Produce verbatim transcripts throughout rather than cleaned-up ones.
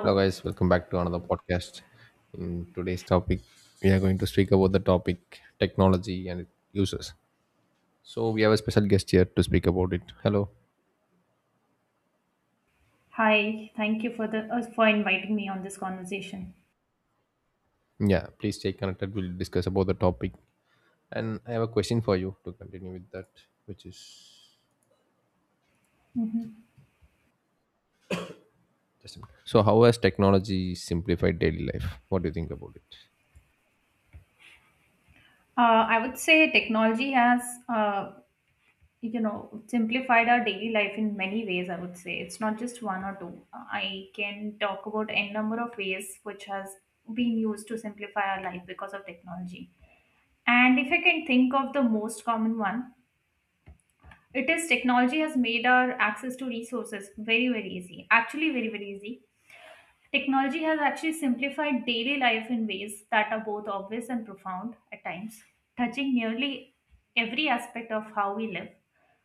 Hello, guys. Welcome back to another podcast. In today's topic, we are going to speak about the topic technology and its uses. So, we have a special guest here to speak about it. Hello. Hi. Thank you for the uh, for inviting me on this conversation. Yeah, please stay connected. We'll discuss about the topic. And I have a question for you to continue with that, which is Mhm. just a minute. So how has technology simplified daily life? What do you think about it? Uh, I would say technology has uh, you know simplified our daily life in many ways. I would say it's not just one or two. I can talk about n number of ways which has been used to simplify our life because of technology. And if I can think of the most common one, it is technology has made our access to resources very very easy. Actually, very very easy. Technology has actually simplified daily life in ways that are both obvious and profound at times, touching nearly every aspect of how we live,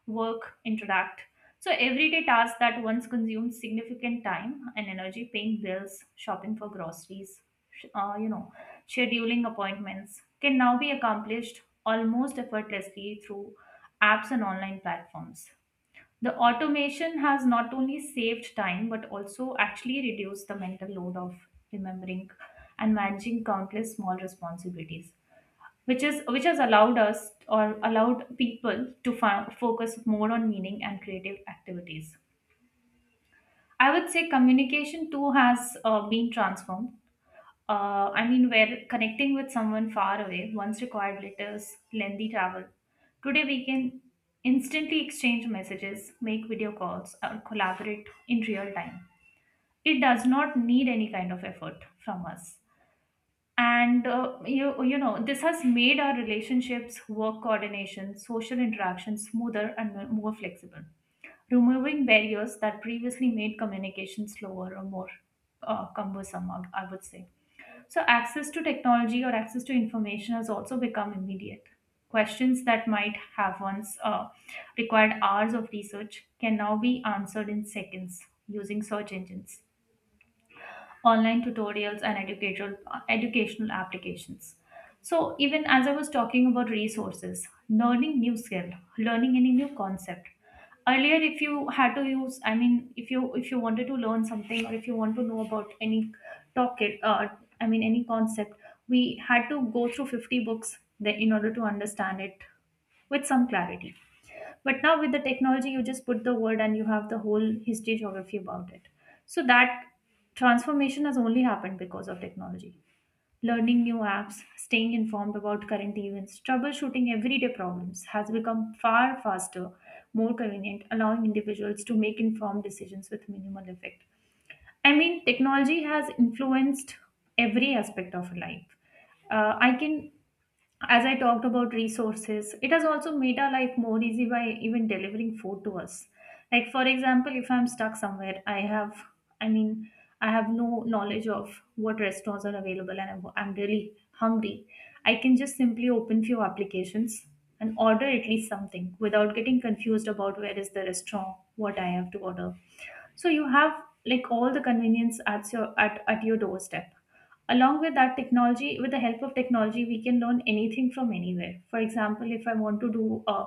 work, interact. So, everyday tasks that once consumed significant time and energy, paying bills, shopping for groceries, sh- uh, you know, scheduling appointments, can now be accomplished almost effortlessly through apps and online platforms. The automation has not only saved time but also actually reduced the mental load of remembering and managing countless small responsibilities, which is which has allowed us or allowed people to fo- focus more on meaning and creative activities. I would say communication too has uh, been transformed uh, I mean, where connecting with someone far away once required letters, lengthy travel. Today, we can instantly exchange messages, make video calls, or collaborate in real time. It does not need any kind of effort from us. And uh, you, you know, this has made our relationships, work coordination, social interaction smoother and mo- more flexible, removing barriers that previously made communication slower or more uh, cumbersome, I I would say. So, access to technology or access to information has also become immediate. Questions that might have once uh, required hours of research can now be answered in seconds using search engines, online tutorials, and educational, educational applications. So, even as I was talking about resources, learning new skill, learning any new concept. Earlier, if you had to use, I mean, if you if you wanted to learn something or if you want to know about any topic, uh, I mean, any concept, we had to go through fifty books that in order to understand it with some clarity, but now with the technology you just put the word and you have the whole history geography about it. So that transformation has only happened because of technology. Learning new apps, staying informed about current events, troubleshooting everyday problems has become far faster, more convenient, allowing individuals to make informed decisions with minimal effect. I mean, technology has influenced every aspect of life. uh, I can, as I talked about resources, it has also made our life more easy by even delivering food to us. Like for example, if I'm stuck somewhere, I have, I mean, I have no knowledge of what restaurants are available, and I'm, I'm really hungry. I can just simply open few applications and order at least something without getting confused about where is the restaurant, what I have to order. So you have like all the convenience at your at, at your doorstep. Along with that, technology, with the help of technology, we can learn anything from anywhere. For example, if I want to do a,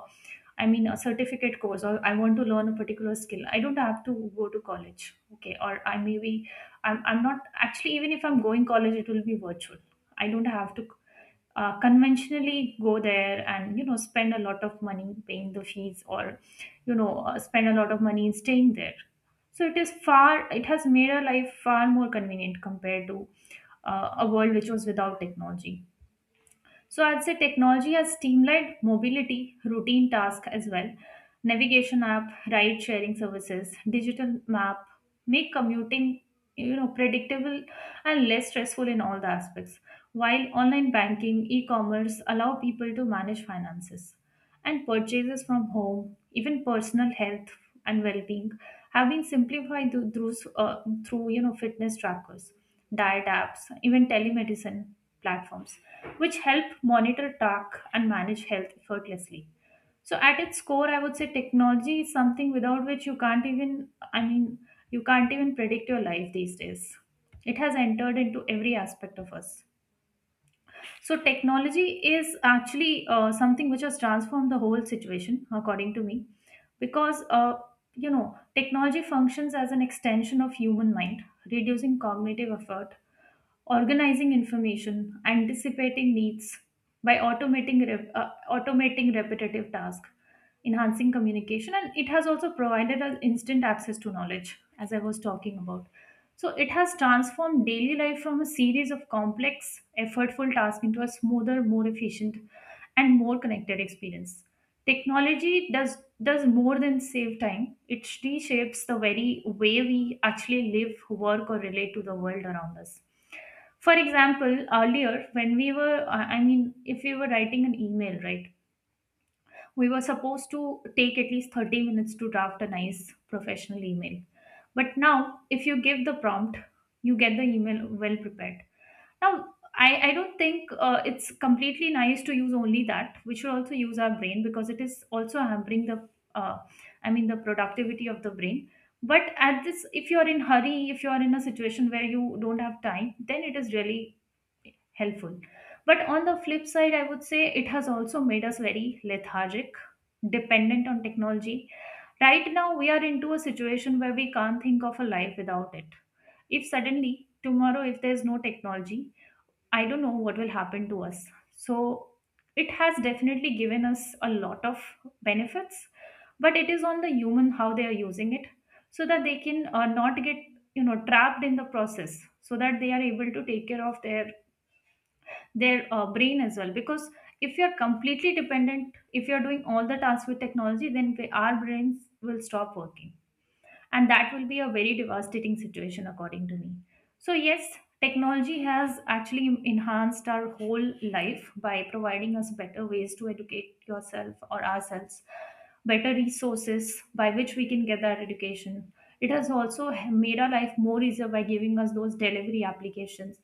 I mean, a certificate course, or I want to learn a particular skill, I don't have to go to college. Okay, or I, maybe i'm, I'm not actually, even if I'm going college, it will be virtual. I don't have to uh, conventionally go there and, you know, spend a lot of money paying the fees or, you know uh, spend a lot of money in staying there. So it is far, it has made our life far more convenient compared to uh, a world which was without technology. So I'd say technology has streamlined mobility, routine tasks as well. Navigation app, ride sharing services, digital map make commuting, you know, predictable and less stressful in all the aspects. While online banking, e-commerce allow people to manage finances and purchases from home, even personal health and well-being have been simplified through through, uh, through, you know, fitness trackers, diet apps, even telemedicine platforms which help monitor, talk and manage health effortlessly. So at its core, I would say technology is something without which you can't even, I mean, you can't even predict your life these days. It has entered into every aspect of us. So technology is actually uh, something which has transformed the whole situation, according to me, because uh, you know, technology functions as an extension of human mind, reducing cognitive effort, organizing information, anticipating needs by automating rep- uh, automating repetitive tasks, enhancing communication, and it has also provided us instant access to knowledge, as I was talking about. So it has transformed daily life from a series of complex, effortful tasks into a smoother, more efficient, and more connected experience. Technology does does more than save time. It reshapes the very way we actually live, work, or relate to the world around us. For example, earlier when we were, uh, I mean, if we were writing an email, right, we were supposed to take at least thirty minutes to draft a nice professional email. But now, if you give the prompt, you get the email well prepared. Now, I, I don't think uh, it's completely nice to use only that. We should also use our brain because it is also hampering the, uh, I mean, the productivity of the brain. But at this, if you are in hurry, if you are in a situation where you don't have time, then it is really helpful. But on the flip side, I would say it has also made us very lethargic, dependent on technology. Right now, we are into a situation where we can't think of a life without it. If suddenly, tomorrow, if there's no technology, I don't know what will happen to us. So, it has definitely given us a lot of benefits, but it is on the human how they are using it so that they can uh, not get, you know, trapped in the process so that they are able to take care of their their uh, brain as well, because if you're completely dependent, if you're doing all the tasks with technology, then we- our brains will stop working, and that will be a very devastating situation, according to me. So yes, technology has actually enhanced our whole life by providing us better ways to educate yourself or ourselves, better resources by which we can get that education. It has also made our life more easier by giving us those delivery applications,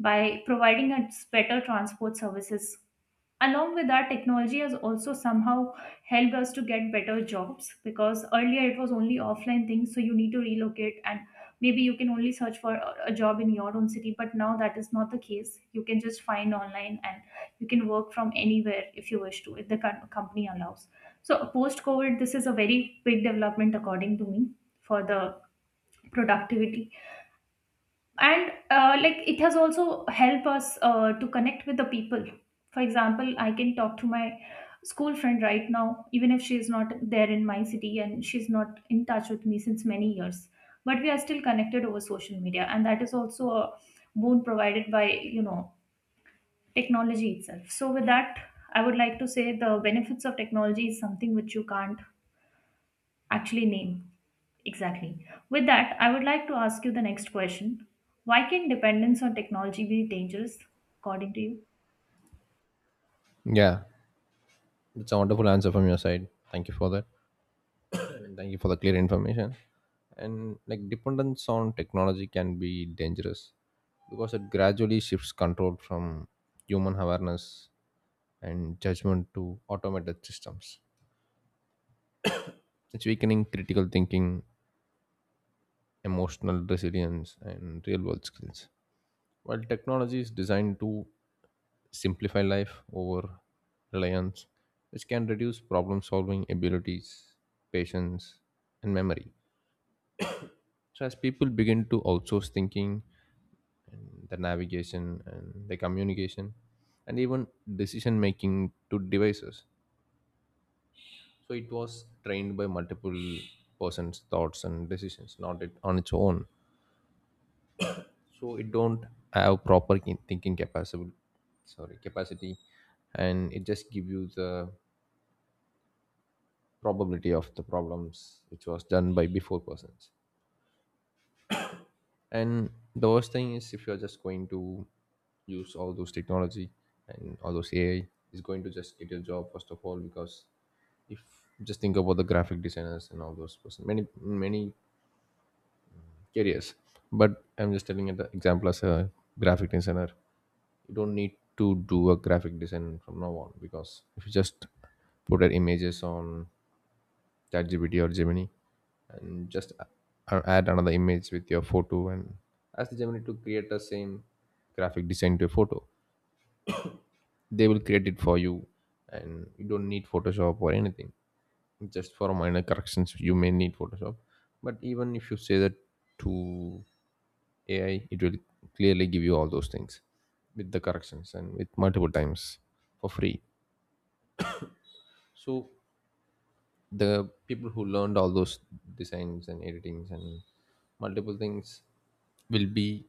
by providing us better transport services. Along with that, technology has also somehow helped us to get better jobs, because earlier it was only offline things, so you need to relocate, and maybe you can only search for a a job in your own city, but now that is not the case. You can just find online and you can work from anywhere, if you wish to, if the com- company allows. So post covid, this is a very big development, according to me, for the productivity. And uh, like, it has also helped us uh, to connect with the people. For example, I can talk to my school friend right now, even if she is not there in my city and she's not in touch with me since many years, but we are still connected over social media, and that is also a boon provided by, you know, technology itself. So with that, I would like to say the benefits of technology is something which you can't. Actually, name. Exactly. With that, I would like to ask you the next question. Why can dependence on technology be dangerous, according to you? Yeah, it's a wonderful answer from your side. Thank you for that. Thank you for the clear information. And like dependence on technology can be dangerous because it gradually shifts control from human awareness and judgment to automated systems. It's weakening critical thinking, emotional resilience, and real world skills. While technology is designed to simplify life over reliance, which can reduce problem solving abilities, patience, and memory. So, as people begin to outsource thinking, the navigation and the communication and even decision making to devices, so it was trained by multiple persons thoughts and decisions, not it on its own. So it don't have proper ki- thinking capacity, sorry, capacity, and it just give you the probability of the problems which was done by before persons. And the worst thing is, if you're just going to use all those technology and all those A I is going to just get your job first of all, because if just think about the graphic designers and all those person, many many careers, but I'm just telling you the example. As a graphic designer, you don't need to do a graphic design from now on, because if you just put your images on ChatGPT or Gemini, and just a- a- add another image with your photo and ask the Gemini to create the same graphic design to a photo. They will create it for you, and you don't need Photoshop or anything. Just for minor corrections, you may need Photoshop, but even if you say that to A I, it will clearly give you all those things with the corrections and with multiple times for free. So the people who learned all those designs and editings and multiple things will be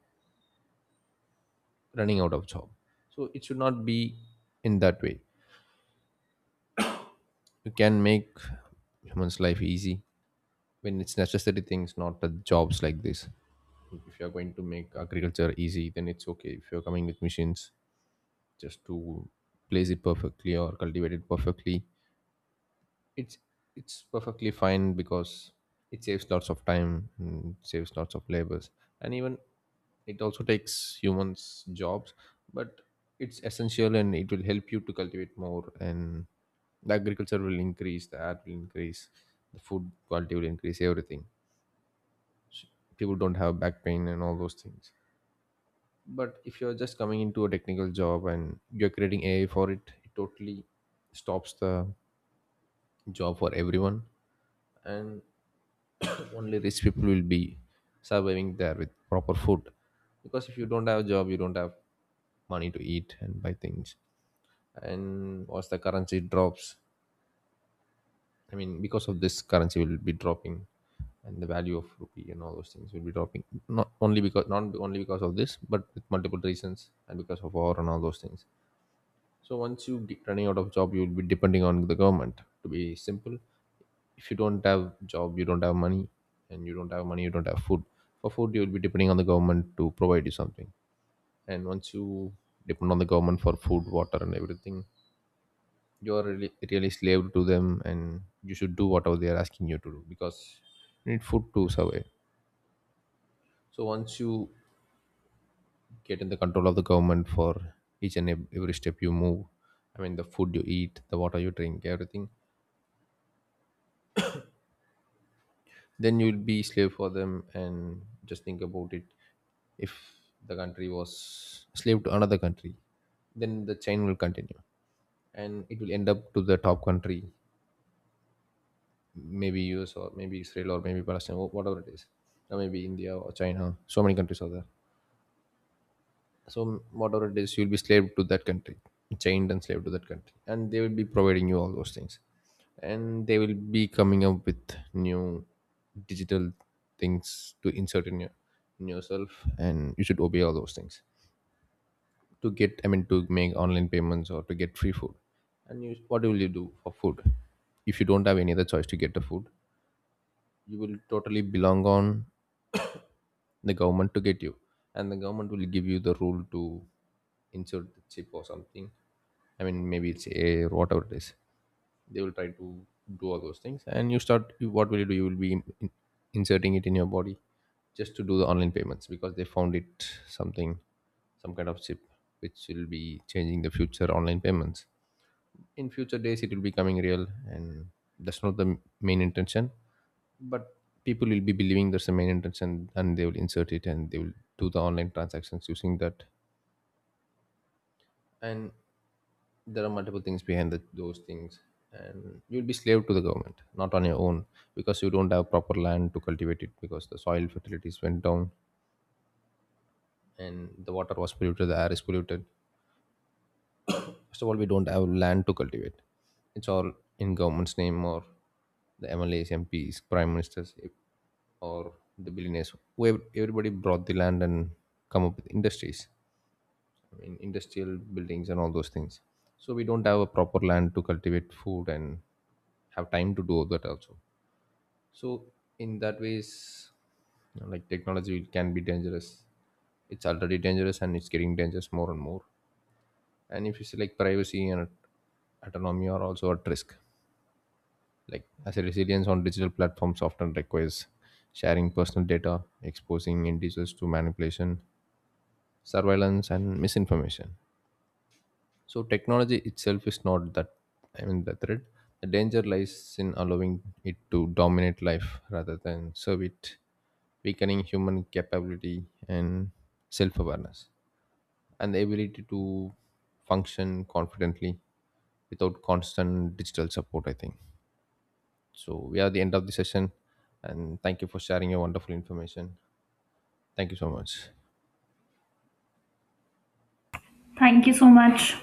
running out of job. So it should not be in that way. You can make human's life easy when it's necessary things, not the jobs like this. If you're going to make agriculture easy, then it's okay if you're coming with machines just to place it perfectly or cultivate it perfectly, it's it's perfectly fine because it saves lots of time and saves lots of labors, and even it also takes humans jobs, but it's essential and it will help you to cultivate more, and the agriculture will increase, the art will increase, the food quality will increase, everything. S- People don't have back pain and all those things. But if you're just coming into a technical job and you're creating A I for it, it totally stops the job for everyone. And only rich people will be surviving there with proper food, because if you don't have a job, you don't have money to eat and buy things. And once the currency drops, I mean, because of this currency will be dropping, and the value of rupee and all those things will be dropping, not only because not only because of this, but with multiple reasons, and because of war and all those things. So once you get running out of job, you will be depending on the government, to be simple. If you don't have job, you don't have money, and you don't have money, you don't have food. For food, you will be depending on the government to provide you something. And once you depend on the government for food, water and everything, you are really, really slave to them, and you should do whatever they are asking you to do, because you need food to survive. So once you get in the control of the government for each and ev- every step you move, I mean the food you eat, the water you drink, everything, then you'll be slave for them. And just think about it, if the country was slave to another country, then the chain will continue and it will end up to the top country, maybe US or maybe Israel or maybe Palestine, wh- whatever it is, or maybe India or China. So many countries are there. So whatever it is, you'll be slave to that country, chained and slave to that country, and they will be providing you all those things, and they will be coming up with new digital things to insert in your in yourself, and you should obey all those things to get. I mean, to make online payments or to get free food, and you, what will you do for food? If you don't have any other choice to get the food, you will totally belong on the government to get you, and the government will give you the rule to insert the chip or something. I mean, maybe it's a whatever it is. They will try to do all those things, and you start. you- What will you do? You will be in, in- inserting it in your body just to do the online payments, because they found it something, some kind of chip which will be changing the future online payments. In future days, it will be coming real, and that's not the main intention. But people will be believing that's the main intention, and they will insert it and they will do the online transactions using that. And there are multiple things behind the, those things, and you'll be slave to the government, not on your own, because you don't have proper land to cultivate it, because the soil fertilities went down, and the water was polluted, the air is polluted. First of all, we don't have land to cultivate. It's all in government's name, or the M L As, M Ps, prime ministers, or the billionaires who, everybody brought the land and come up with industries, in industrial buildings and all those things. So we don't have a proper land to cultivate food and have time to do that also. So in that ways, you know, like technology, it can be dangerous. It's already dangerous and it's getting dangerous more and more. And if you see, like privacy and autonomy are also at risk, like as a resilience on digital platforms often requires sharing personal data, exposing individuals to manipulation, surveillance and misinformation. So technology itself is not that, I mean, the threat. The danger lies in allowing it to dominate life rather than serve it, weakening human capability and self-awareness and the ability to function confidently without constant digital support, I think. So we are at the end of the session, and thank you for sharing your wonderful information. Thank you so much. Thank you so much.